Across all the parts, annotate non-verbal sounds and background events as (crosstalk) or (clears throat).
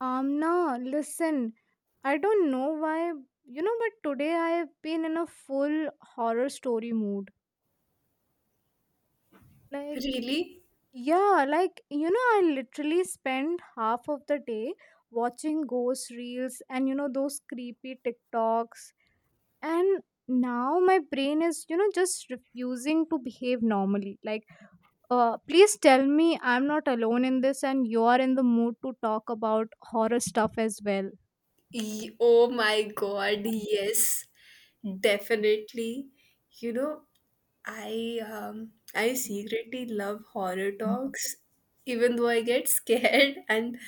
Amna, listen. I don't know why, you know, but today I've been in a full horror story mood. Like, Really? yeah, I literally spend half of the day watching ghost reels and, those creepy TikToks. And now my brain is, just refusing to behave normally. Like, please tell me I'm not alone in this and you are in the mood to talk about horror stuff as well. Oh my God, yes, definitely. You know, I secretly love horror talks, even though I get scared (laughs) and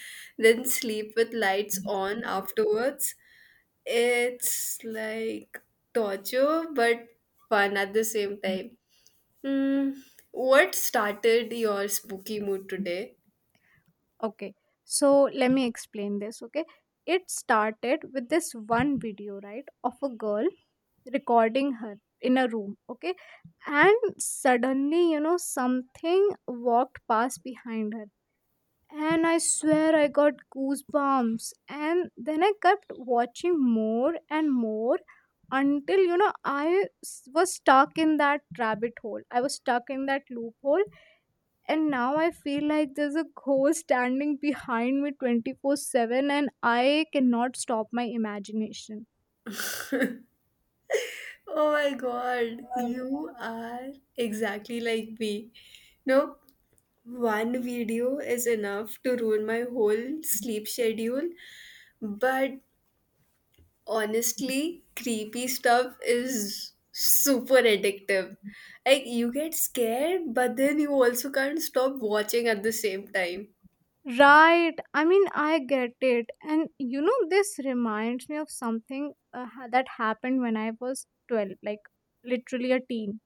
then sleep with lights on afterwards. It's like torture, but fun at the same time. Hmm. What started your spooky mood today? Okay, so let me explain this. Okay, it started with this one video, right, of a girl recording her in a room. Okay, and suddenly, something walked past behind her, and I swear I got goosebumps. And then I kept watching more and more until I was stuck in that rabbit hole. I was stuck in that loophole, and now I feel like there's a ghost standing behind me 24/7, and I cannot stop my imagination. Oh my god, you are exactly like me. No, one video is enough to ruin my whole sleep schedule. But honestly, creepy stuff is super addictive. Like, you get scared, but then you also can't stop watching at the same time. Right. I mean, I get it. And you know, this reminds me of something that happened when I was 12, like literally a teen.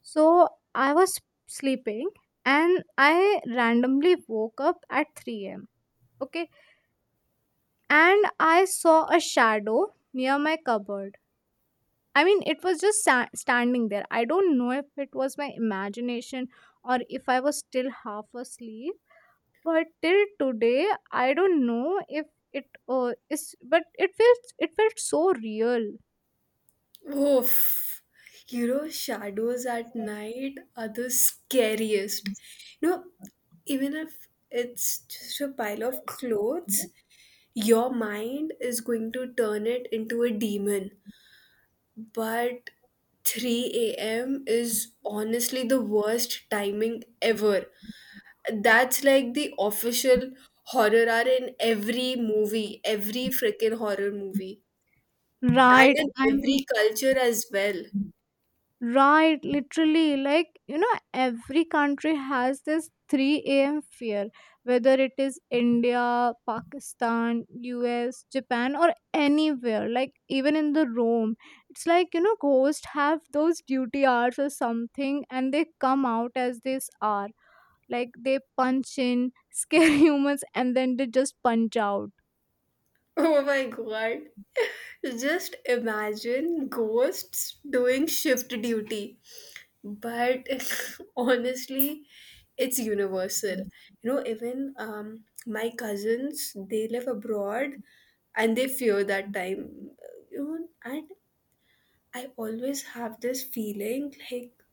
So I was sleeping and I randomly woke up at 3 a.m. Okay. And I saw a shadow near my cupboard. I mean, it was just standing there. I don't know if it was my imagination or if I was still half asleep. But till today, I don't know if it is. But it felt so real. Oof. You know, shadows at night are the scariest. You know, even if it's just a pile of clothes, your mind is going to turn it into a demon. But 3 a.m. is honestly the worst timing ever. That's like the official horror hour in every movie, every freaking horror movie, and Right. in I'm— every culture as well. Right, literally, like you know, every country has this 3 a.m. fear, whether it is India, Pakistan, US, Japan, or anywhere, like even in the Rome. It's like you know, ghosts have those duty hours or something, and they come out as this hour, like they punch in, scare (laughs) humans, and then they just punch out. Oh my god. (laughs) Just imagine ghosts doing shift duty. But (laughs) honestly, it's universal. You know, even my cousins, they live abroad and they fear that time. You know, and I always have this feeling like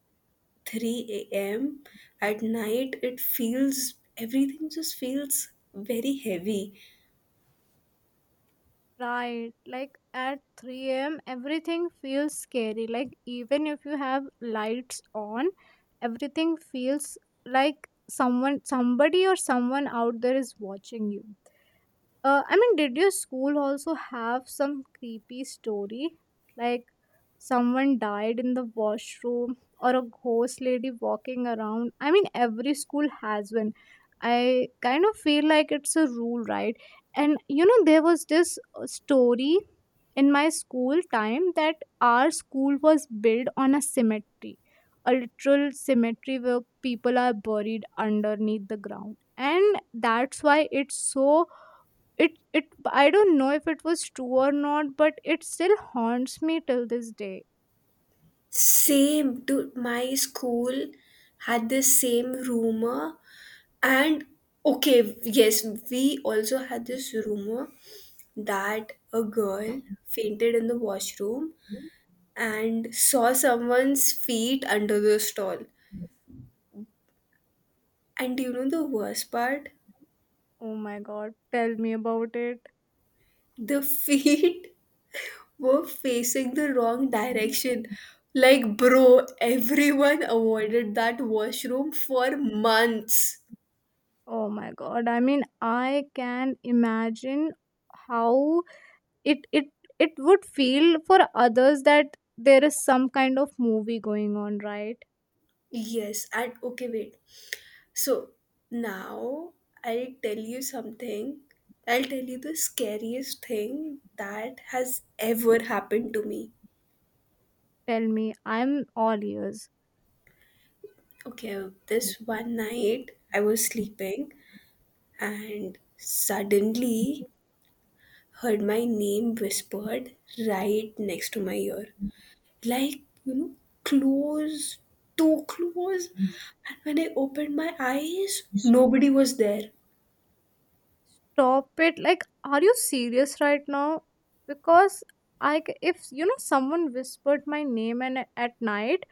3 a.m. at night, it feels, everything just feels very heavy. Right. Like at 3 a.m., everything feels scary. Like even if you have lights on, everything feels like someone, somebody, or someone out there is watching you. I mean, did your school also have some creepy story? Like someone died in the washroom or a ghost lady walking around? I mean, every school has one. I kind of feel like it's a rule, right? And you know, there was this story in my school time that our school was built on a cemetery, a literal cemetery where people are buried underneath the ground. And that's why it's so— it it I don't know if it was true or not, but it still haunts me till this day. Same, dude. My school had the same rumor, and okay, yes, we also had this rumor that a girl fainted in the washroom and saw someone's feet under the stall. And do you know the worst part? Oh my god, tell me about it. The (laughs) feet were facing the wrong direction. Like, bro, everyone avoided that washroom for months. Oh my god, I mean, I can imagine how it it it would feel for others, that there is some kind of movie going on, right? Yes, and okay, wait. So now I'll tell you something. I'll tell you the scariest thing that has ever happened to me. Tell me, I'm all ears. Okay, this one night I was sleeping and suddenly heard my name whispered right next to my ear. Like, you know, close, too close. And when I opened my eyes, nobody was there. Stop it. Like, are you serious right now? Because if you know someone whispered my name and at night,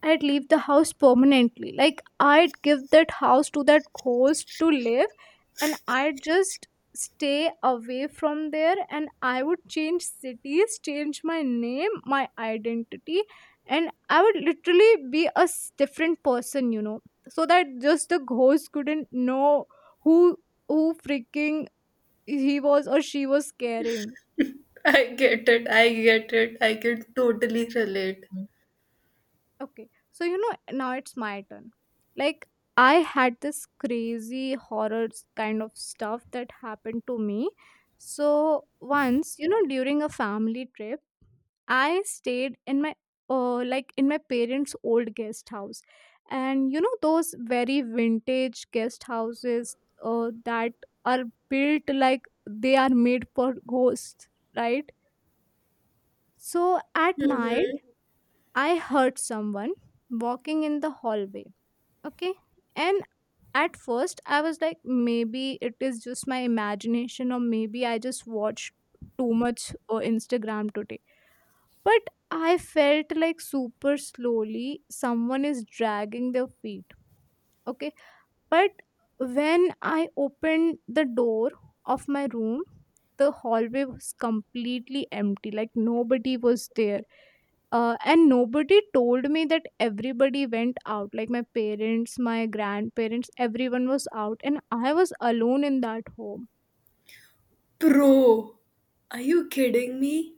I'd leave the house permanently. Like, I'd give that house to that ghost to live, and I'd just stay away from there and I would change cities, change my name, my identity, and I would literally be a different person, you know, so that just the ghost couldn't know who who freaking he was or she was carrying. I get it. I get it. I can totally relate. Okay. So, you know, now it's my turn. Like, I had this crazy horror kind of stuff that happened to me. So, once, you know, during a family trip, I stayed in my like in my parents' old guest house. And you know those very vintage guest houses that are built like they are made for ghosts, right? So at night Mm-hmm. I heard someone walking in the hallway. Okay. And at first I was like, maybe it is just my imagination, or maybe I just watched too much Instagram today. But I felt like super slowly someone is dragging their feet. Okay. But when I opened the door of my room, the hallway was completely empty. Like, nobody was there. And nobody told me that everybody went out. Like, my parents, my grandparents, everyone was out, and I was alone in that home. Bro, are you kidding me?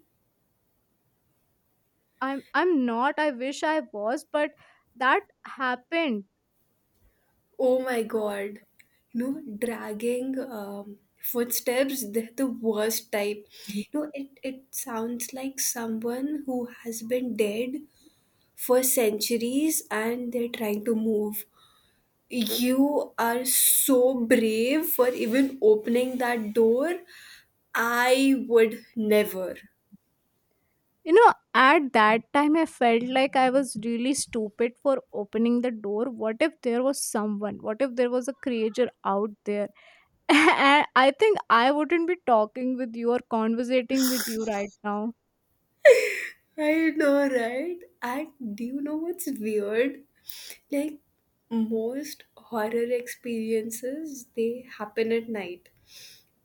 I'm not. I wish I was, but that happened. Oh my god. You know, dragging footsteps, they're the worst type. You know, it sounds like someone who has been dead for centuries and they're trying to move. You are so brave for even opening that door. I would never. You know, at that time I felt like I was really stupid for opening the door. What if there was someone? What if there was a creature out there? (laughs) And I think I wouldn't be talking with you or conversating with you right now. I know, right? And do you know what's weird? Like, most horror experiences, they happen at night.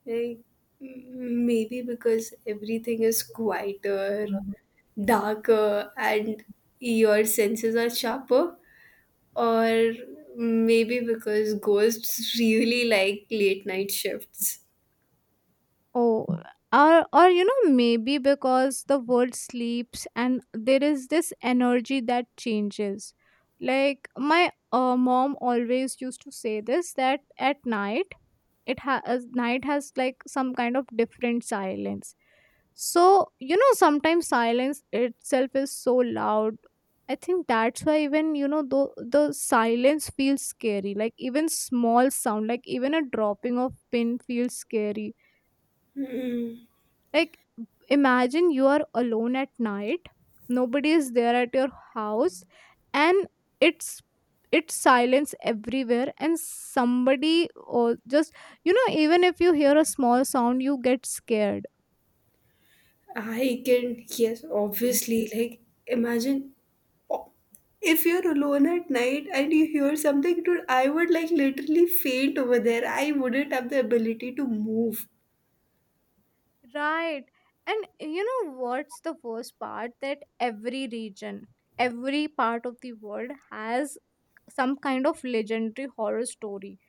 Like, maybe because everything is quieter, darker, and your senses are sharper. Or maybe because ghosts (laughs) really like late night shifts. Oh, or you know, maybe because the world sleeps and there is this energy that changes. Like my mom always used to say this, that at night it has— night has like some kind of different silence. So you know, sometimes silence itself is so loud. I think that's why even you know the silence feels scary. Like even small sound, like even a dropping of pin feels scary. Hmm. Like. Imagine you are alone at night, nobody is there at your house, and it's it's silence everywhere and somebody or just, you know, even if you hear a small sound you get scared. I can, yes, obviously. Like, imagine o- if you're alone at night and you hear something, dude, I would like literally faint over there. I wouldn't have the ability to move. Right, and you know what's the worst part, that every region, every part of the world has some kind of legendary horror story.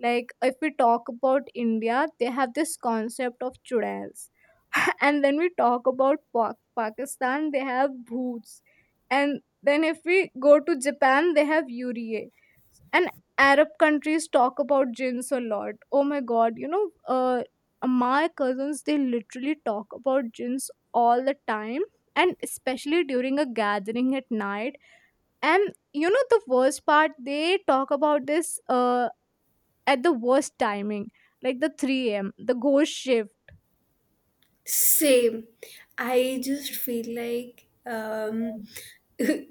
Like if we talk about India, they have this concept of chudails. (laughs) And then we talk about Pakistan, they have bhoots. And then if we go to Japan, they have yurie. And Arab countries talk about jinns a lot. Oh my god, you know, my cousins, they literally talk about jinns all the time, and especially during a gathering at night. And you know the worst part, they talk about this at the worst timing, like the 3 a.m., the ghost shift. Same. I just feel like (laughs)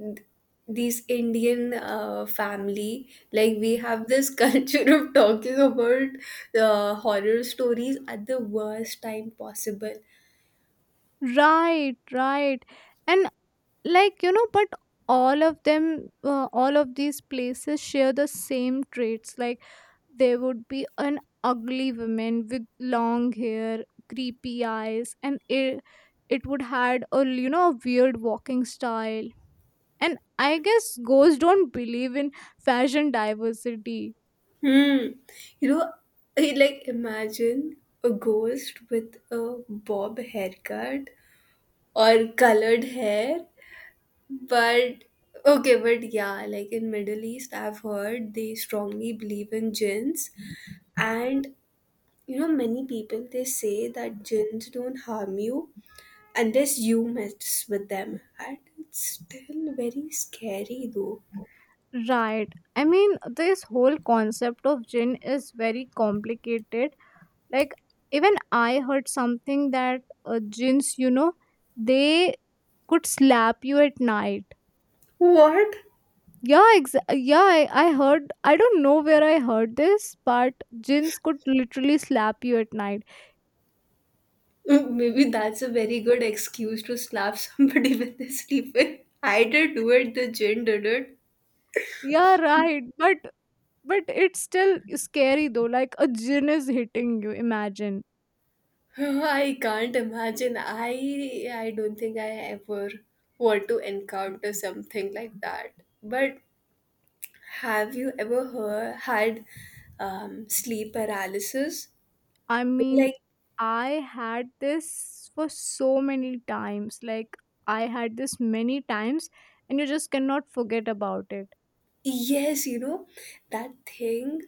these Indian family, like we have this (laughs) culture of talking about horror stories at the worst time possible. Right, right. And like you know, but all of them, all of these places share the same traits. Like, there would be an ugly woman with long hair, creepy eyes, and it would had a you know a weird walking style. And I guess ghosts don't believe in fashion diversity. Hmm. You know, I like imagine a ghost with a bob haircut or colored hair. But okay, but yeah, like in Middle East, I've heard they strongly believe in jinns, and you know, many people they say that jinns don't harm you unless you mess with them, and it's still very scary though. Right. I mean, this whole concept of gin is very complicated. Like, even I heard something that gins, you know, they could slap you at night. What? Yeah, yeah, I heard, I don't know where I heard this, but gins could literally slap you at night. Mm, maybe that's a very good excuse to slap somebody (laughs) when they sleep in. I did do it, the gin did it. Yeah, right. But it's still scary though. Like a gin is hitting you. Imagine. (sighs) I can't imagine. I don't think I ever want to encounter something like that. But have you ever heard, had sleep paralysis? I mean, Like I had this for so many times. Like, I had this many times, and you just cannot forget about it. yes, you know that thing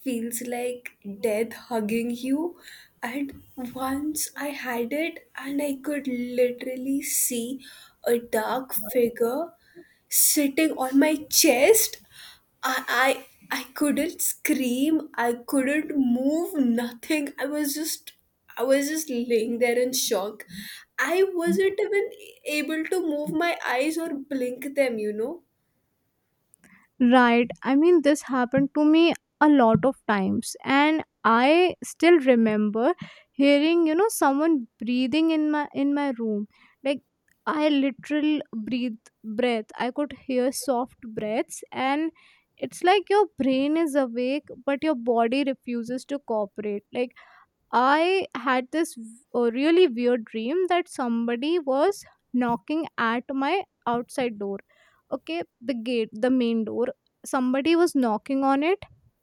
feels like death hugging you. And once I had it, and I could literally see a dark figure sitting on my chest. I, I couldn't scream. I couldn't move. Nothing. I was just laying there in shock. I wasn't even able to move my eyes or blink them. You know. Right. I mean, this happened to me a lot of times, and I still remember hearing, you know, someone breathing in my room. Like, I literal breathe— breath. I could hear soft breaths, and it's like your brain is awake, but your body refuses to cooperate. Like I had this really weird dream that somebody was knocking at my outside door. Okay, the gate, the main door. Somebody was knocking on it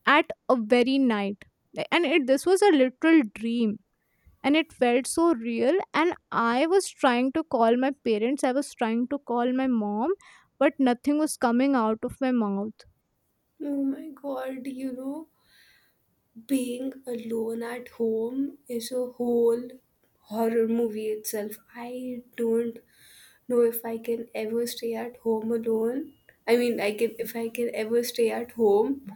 at a very night. Like, and it, this was a literal dream. And it felt so real. And I was trying to call my parents, I was trying to call my mom, but nothing was coming out of my mouth. Oh my god. You know, being alone at home is a whole horror movie itself. I don't know if I can ever stay at home alone. I mean, I can if I can ever stay at home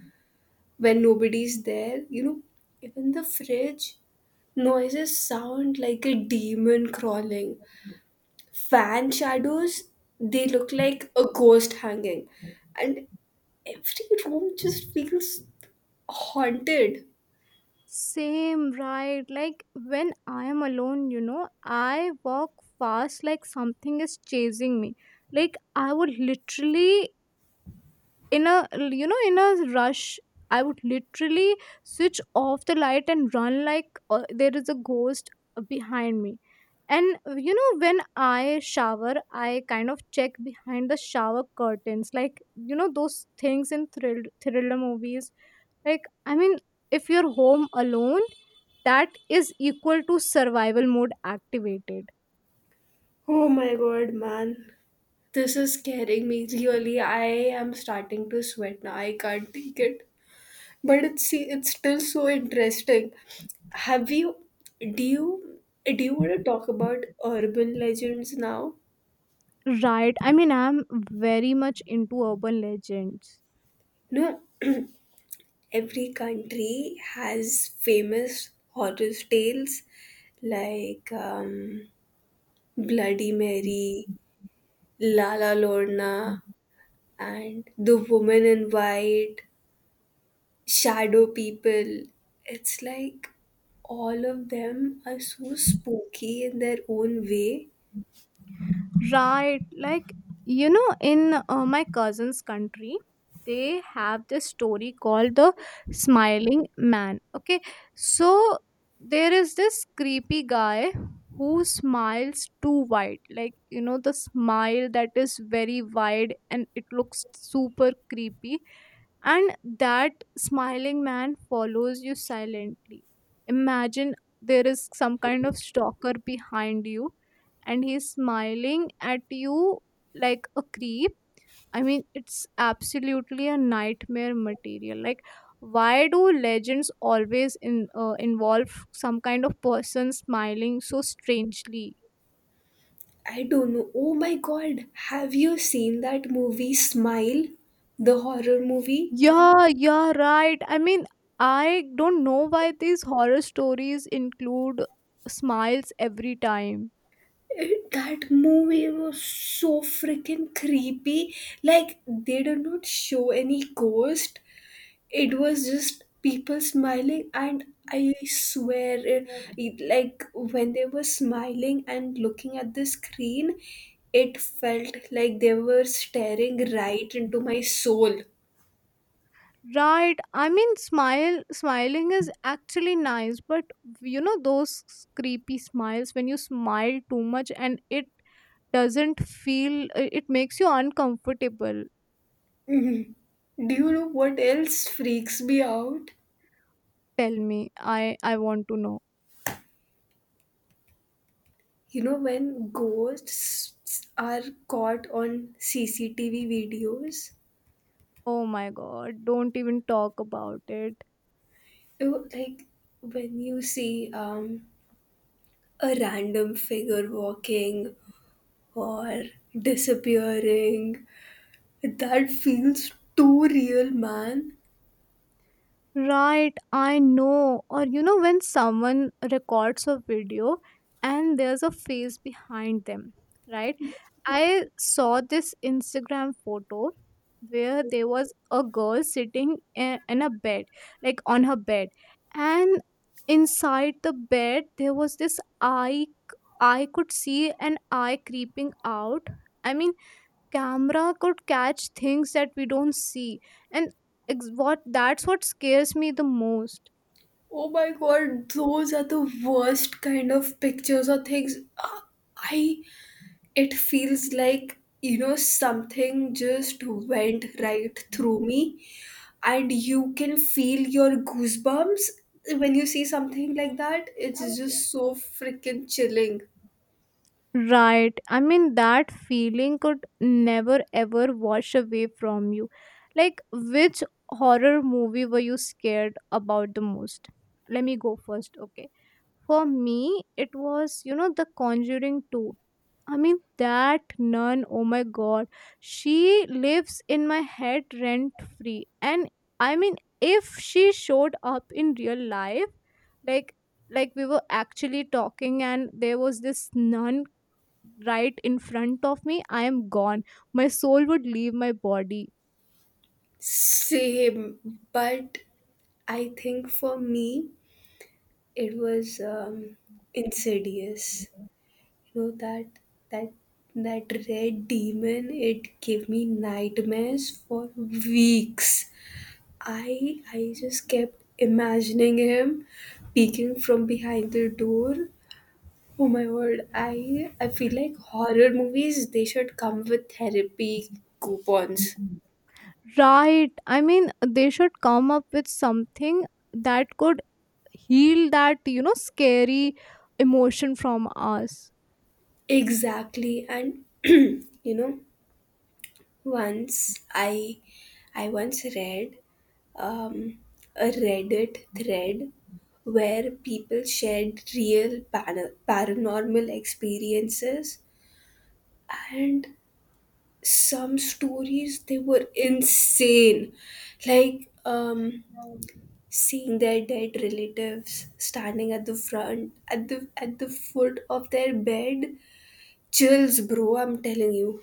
when nobody's there. You know, even the fridge noises sound like a demon crawling. Fan shadows they look like a ghost hanging, and every room just feels haunted. Same, right? Like when I am alone, you know, I walk fast like something is chasing me. Like, I would literally, in a, you know, in a rush, I would literally switch off the light and run like there is a ghost behind me. And you know, when I shower, I kind of check behind the shower curtains, like you know, those things in thriller movies. Like, I mean, if you're home alone, that is equal to survival mode activated. Oh my god, man. This is scaring me. Really, I am starting to sweat now. I can't take it. But it's see, it's still so interesting. Have you do you do you want to talk about urban legends now? Right. I mean, I'm very much into urban legends. No, every country has famous horror tales like Bloody Mary, Lala Lorna, and The Woman in White. Shadow people. It's like all of them are so spooky in their own way. Right. Like, you know, in my cousin's country, they have this story called the smiling man. Okay. So, there is this creepy guy who smiles too wide. Like, you know, the smile that is very wide and it looks super creepy. And that smiling man follows you silently. Imagine there is some kind of stalker behind you, and he's smiling at you like a creep. I mean, it's absolutely a nightmare material. Like, why do legends always involve some kind of person smiling so strangely? I don't know. Oh my god, have you seen that movie Smile? The horror movie? Yeah, yeah, right. I mean, I don't know why these horror stories include smiles every time. That movie was so freaking creepy. Like, they did not show any ghost, it was just people smiling and I swear, it like when they were smiling and looking at the screen it felt like they were staring right into my soul. Right. I mean, smiling is actually nice, but you know those creepy smiles when you smile too much and it doesn't feel, it makes you uncomfortable. Mhm. Do you know what else freaks me out? Tell me, I want to know. You know when ghosts are caught on CCTV videos, Oh my God! Don't even talk about it. you know, like when you see a random figure walking or disappearing. That feels too real, man. Right, I know. Or you know, when someone records a video and there's a face behind them, right? I saw this Instagram photo where there was a girl sitting in a bed, like on her bed, and inside the bed there was this eye. I could see an eye creeping out. I mean, camera could catch things that we don't see and ex- what that's what scares me the most. Oh my god, those are the worst kind of pictures or things. Ah, I it feels like you know something just went right through me and you can feel your goosebumps when you see something like that. It's just so freaking chilling. Right, I mean that feeling could never ever wash away from you. Like, which horror movie were you scared about the most? Let me go first, okay. For me it was, you know, the Conjuring 2. I mean, that nun, oh my god, she lives in my head rent free. And I mean, if she showed up in real life, like like we were actually talking and there was this nun right in front of me, I am gone. My soul would leave my body. Same, but I think for me, it was insidious. You know that that red demon, it gave me nightmares for weeks. I just kept imagining him peeking from behind the door. Oh my word, I feel like horror movies they should come with therapy coupons. Right. I mean, they should come up with something that could heal that, you know, scary emotion from us. Exactly, and (clears throat) you know once I once read um, a Reddit thread where people shared real paranormal experiences, and some stories they were insane, like seeing their dead relatives standing at the front at the foot of their bed. Chills, bro, I'm telling you.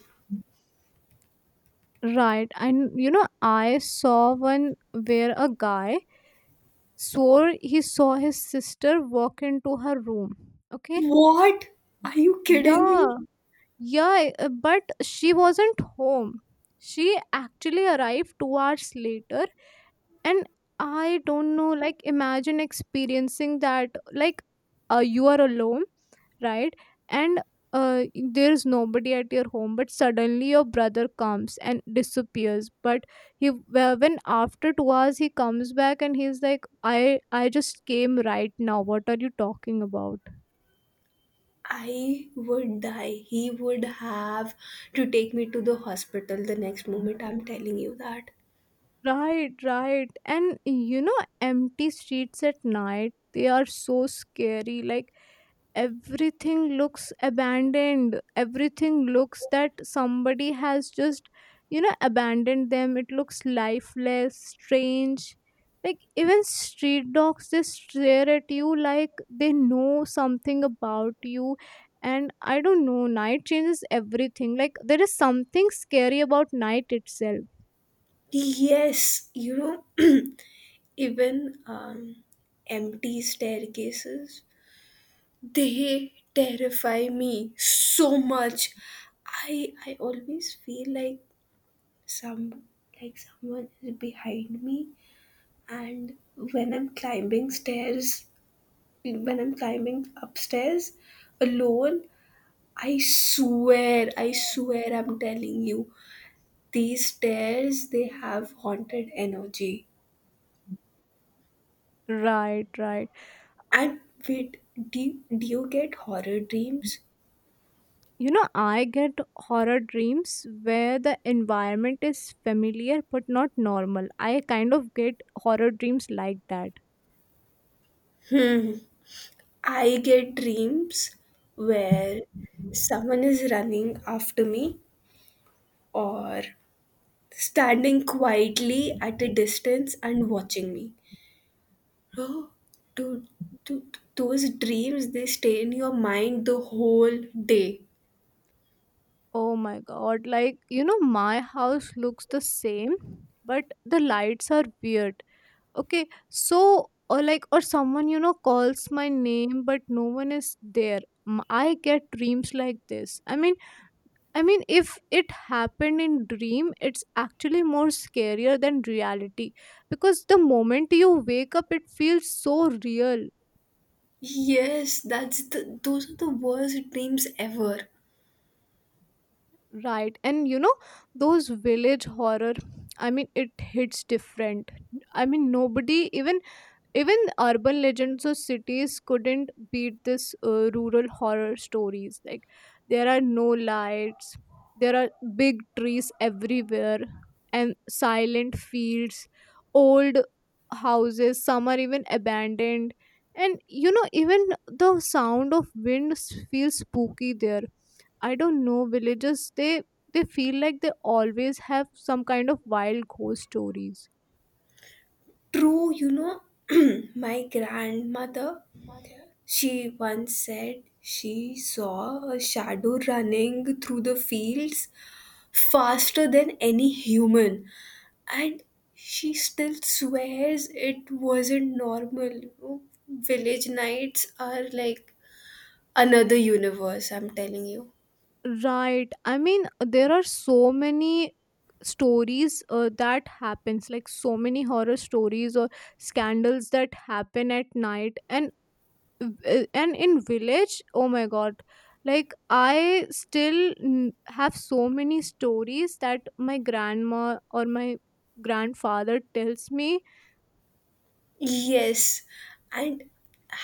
Right. And you know, I saw one where a guy swore he saw his sister walk into her room. Okay. What, are you kidding Yeah. me? Yeah. But she wasn't home. She actually arrived 2 hours later. And I don't know, like, imagine experiencing that. Like, you are alone, right, and uh, there is nobody at your home, but suddenly your brother comes and disappears. But he, well, when after 2 hours he comes back and he's like, I just came right now, what are you talking about? I would die. He would have to take me to the hospital the next moment. I'm telling you that. Right, right. And you know, empty streets at night, they are so scary. Like, everything looks abandoned, everything looks that somebody has just, you know, abandoned them. It looks lifeless, strange. Like even street dogs, they stare at you like they know something about you. And I don't know, night changes everything. Like there is something scary about night itself. Yes, you know, (clears throat) even empty staircases, they terrify me so much. I always feel like some like someone is behind me, and when I'm climbing stairs, when I'm climbing upstairs alone, I swear, I'm telling you, these stairs they have haunted energy. Right, right. And wait, do you get horror dreams? You know, I get horror dreams where the environment is familiar but not normal. I kind of get horror dreams like that. I get dreams where someone is running after me or standing quietly at a distance and watching me. Oh, dude, dude, those dreams they stay in your mind the whole day. Oh my god, like, you know, my house looks the same, but the lights are weird. Okay, so, or like, or someone, you know, calls my name, but no one is there. I get dreams like this. I mean, if it happened in dream, it's actually more scarier than reality because the moment you wake up, it feels so real, Yes, that's the, those are the worst dreams ever. right? And you know, those village horror, I mean, it hits different. I mean, nobody even, even urban legends of cities couldn't beat this rural horror stories. Like there are no lights, there are big trees everywhere, and silent fields, old houses. Some are even abandoned, and you know even the sound of wind feels spooky there. I don't know, villages, they feel like they always have some kind of wild ghost stories. True, you know, (clears throat) my grandmother, she once said she saw a shadow running through the fields faster than any human. And she still swears it wasn't normal, you know. Village nights are like another universe, I'm telling you. Right. I mean, there are so many stories that happens, like so many horror stories or scandals that happen at night, and in village, oh my god, like I still have so many stories that my grandma or my grandfather tells me. Yes, and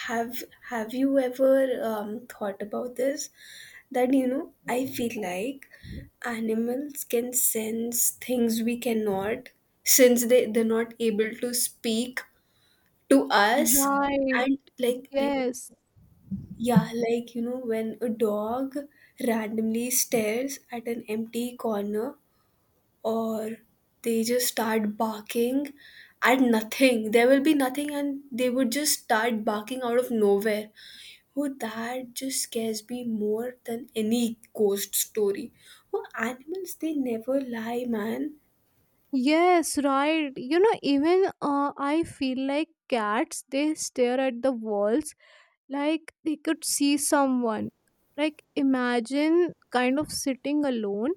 have have you ever thought about this? That you know, I feel like animals can sense things we cannot, since they're not able to speak to us, Right. and like Yes. yeah, like you know, when a dog randomly stares at an empty corner or they just start barking at nothing. There will be nothing and they would just start barking out of nowhere. Oh, that just scares me more than any ghost story. Oh, animals, they never lie, man. Yes, right. You know, even I feel like cats, they stare at the walls like they could see someone. Like, imagine kind of sitting alone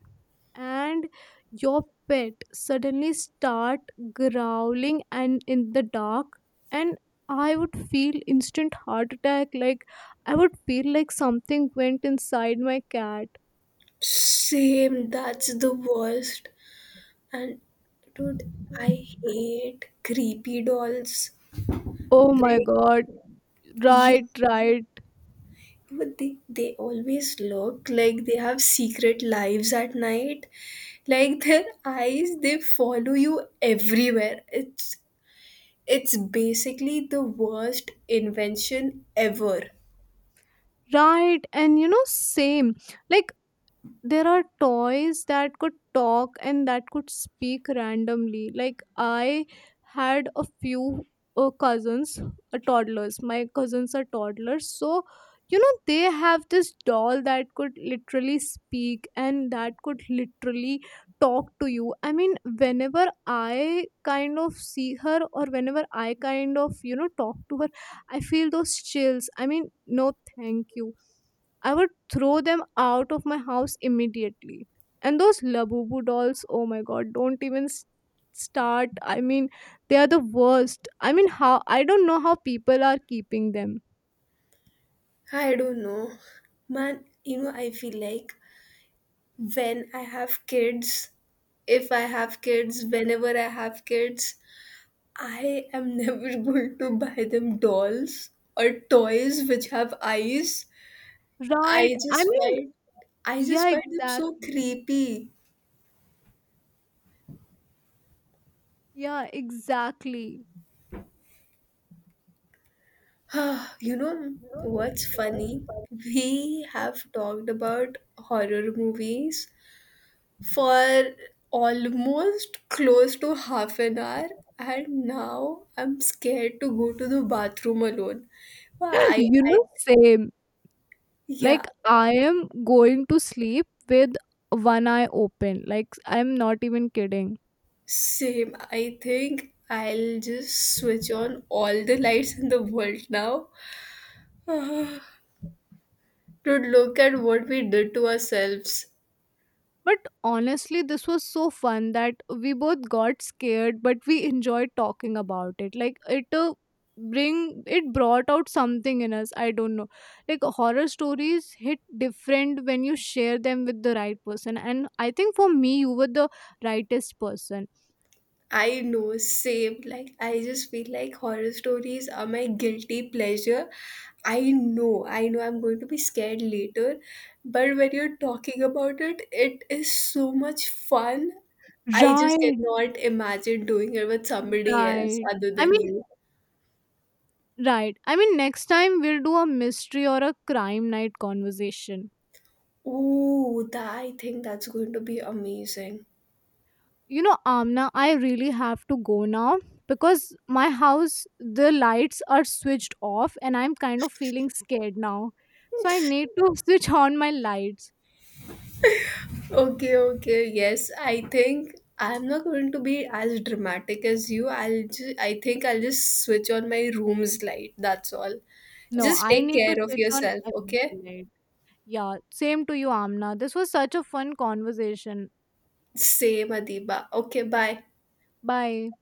and your pet suddenly start growling and in the dark, and I would feel instant heart attack. Like I would feel like something went inside my cat. Same, that's the worst. And dude, I hate creepy dolls. Oh my Like, god. yeah, Right, right. but they always look like they have secret lives at night. Like their eyes, they follow you everywhere. It's basically the worst invention ever. Right, and you know, same. Like there are toys that could talk and that could speak randomly. Like I had a few cousins, toddlers. My cousins are toddlers, so you know they have this doll that could literally speak and that could literally talk to you. I mean, whenever I kind of see her or whenever I kind of, you know, talk to her, I feel those chills. I mean, no, thank you, I would throw them out of my house immediately. And those Labubu dolls, oh my god, don't even start. I mean, they are the worst. I mean, how, I don't know how people are keeping them. I don't know. Man, you know, I feel like when I have kids, if I have kids, whenever I have kids, I am (laughs) never going to buy them dolls or toys which have eyes. Right. I I just mean, find I just yeah, find them so exactly. creepy. Yeah, exactly. (sighs) You know what's funny? We have talked about horror movies for almost close to half an hour and now I'm scared to go to the bathroom alone. Why, (laughs) You I know, same. yeah, Like, I am going to sleep with one eye open. Like, I'm not even kidding. same. I think I'll just switch on all the lights in the world now. (sighs) To look at what we did to ourselves. But honestly, this was so fun that we both got scared, but we enjoyed talking about it. Like it bring it brought out something in us. I don't know. Like horror stories hit different when you share them with the right person, and I think for me, you were the rightest person. I know, same. Like, I just feel like horror stories are my guilty pleasure. I know I'm going to be scared later, but when you're talking about it, it is so much fun. I just Right, cannot imagine doing it with somebody else right. other I than mean, you. right. I mean, next time we'll do a mystery or a crime night conversation. Oh, that, I think that's going to be amazing. You know, Amna, I really have to go now because my house, the lights are switched off and I'm kind of feeling scared now, so I need to (laughs) switch on my lights. Okay, okay, yes. I think I'm not going to be as dramatic as you. I think I'll just switch on my room's light. That's all. No, Just I take need to care of switch on yourself, okay? every light. Yeah, same to you, Amna, this was such a fun conversation. Same, Adiba. Okay, bye. Bye.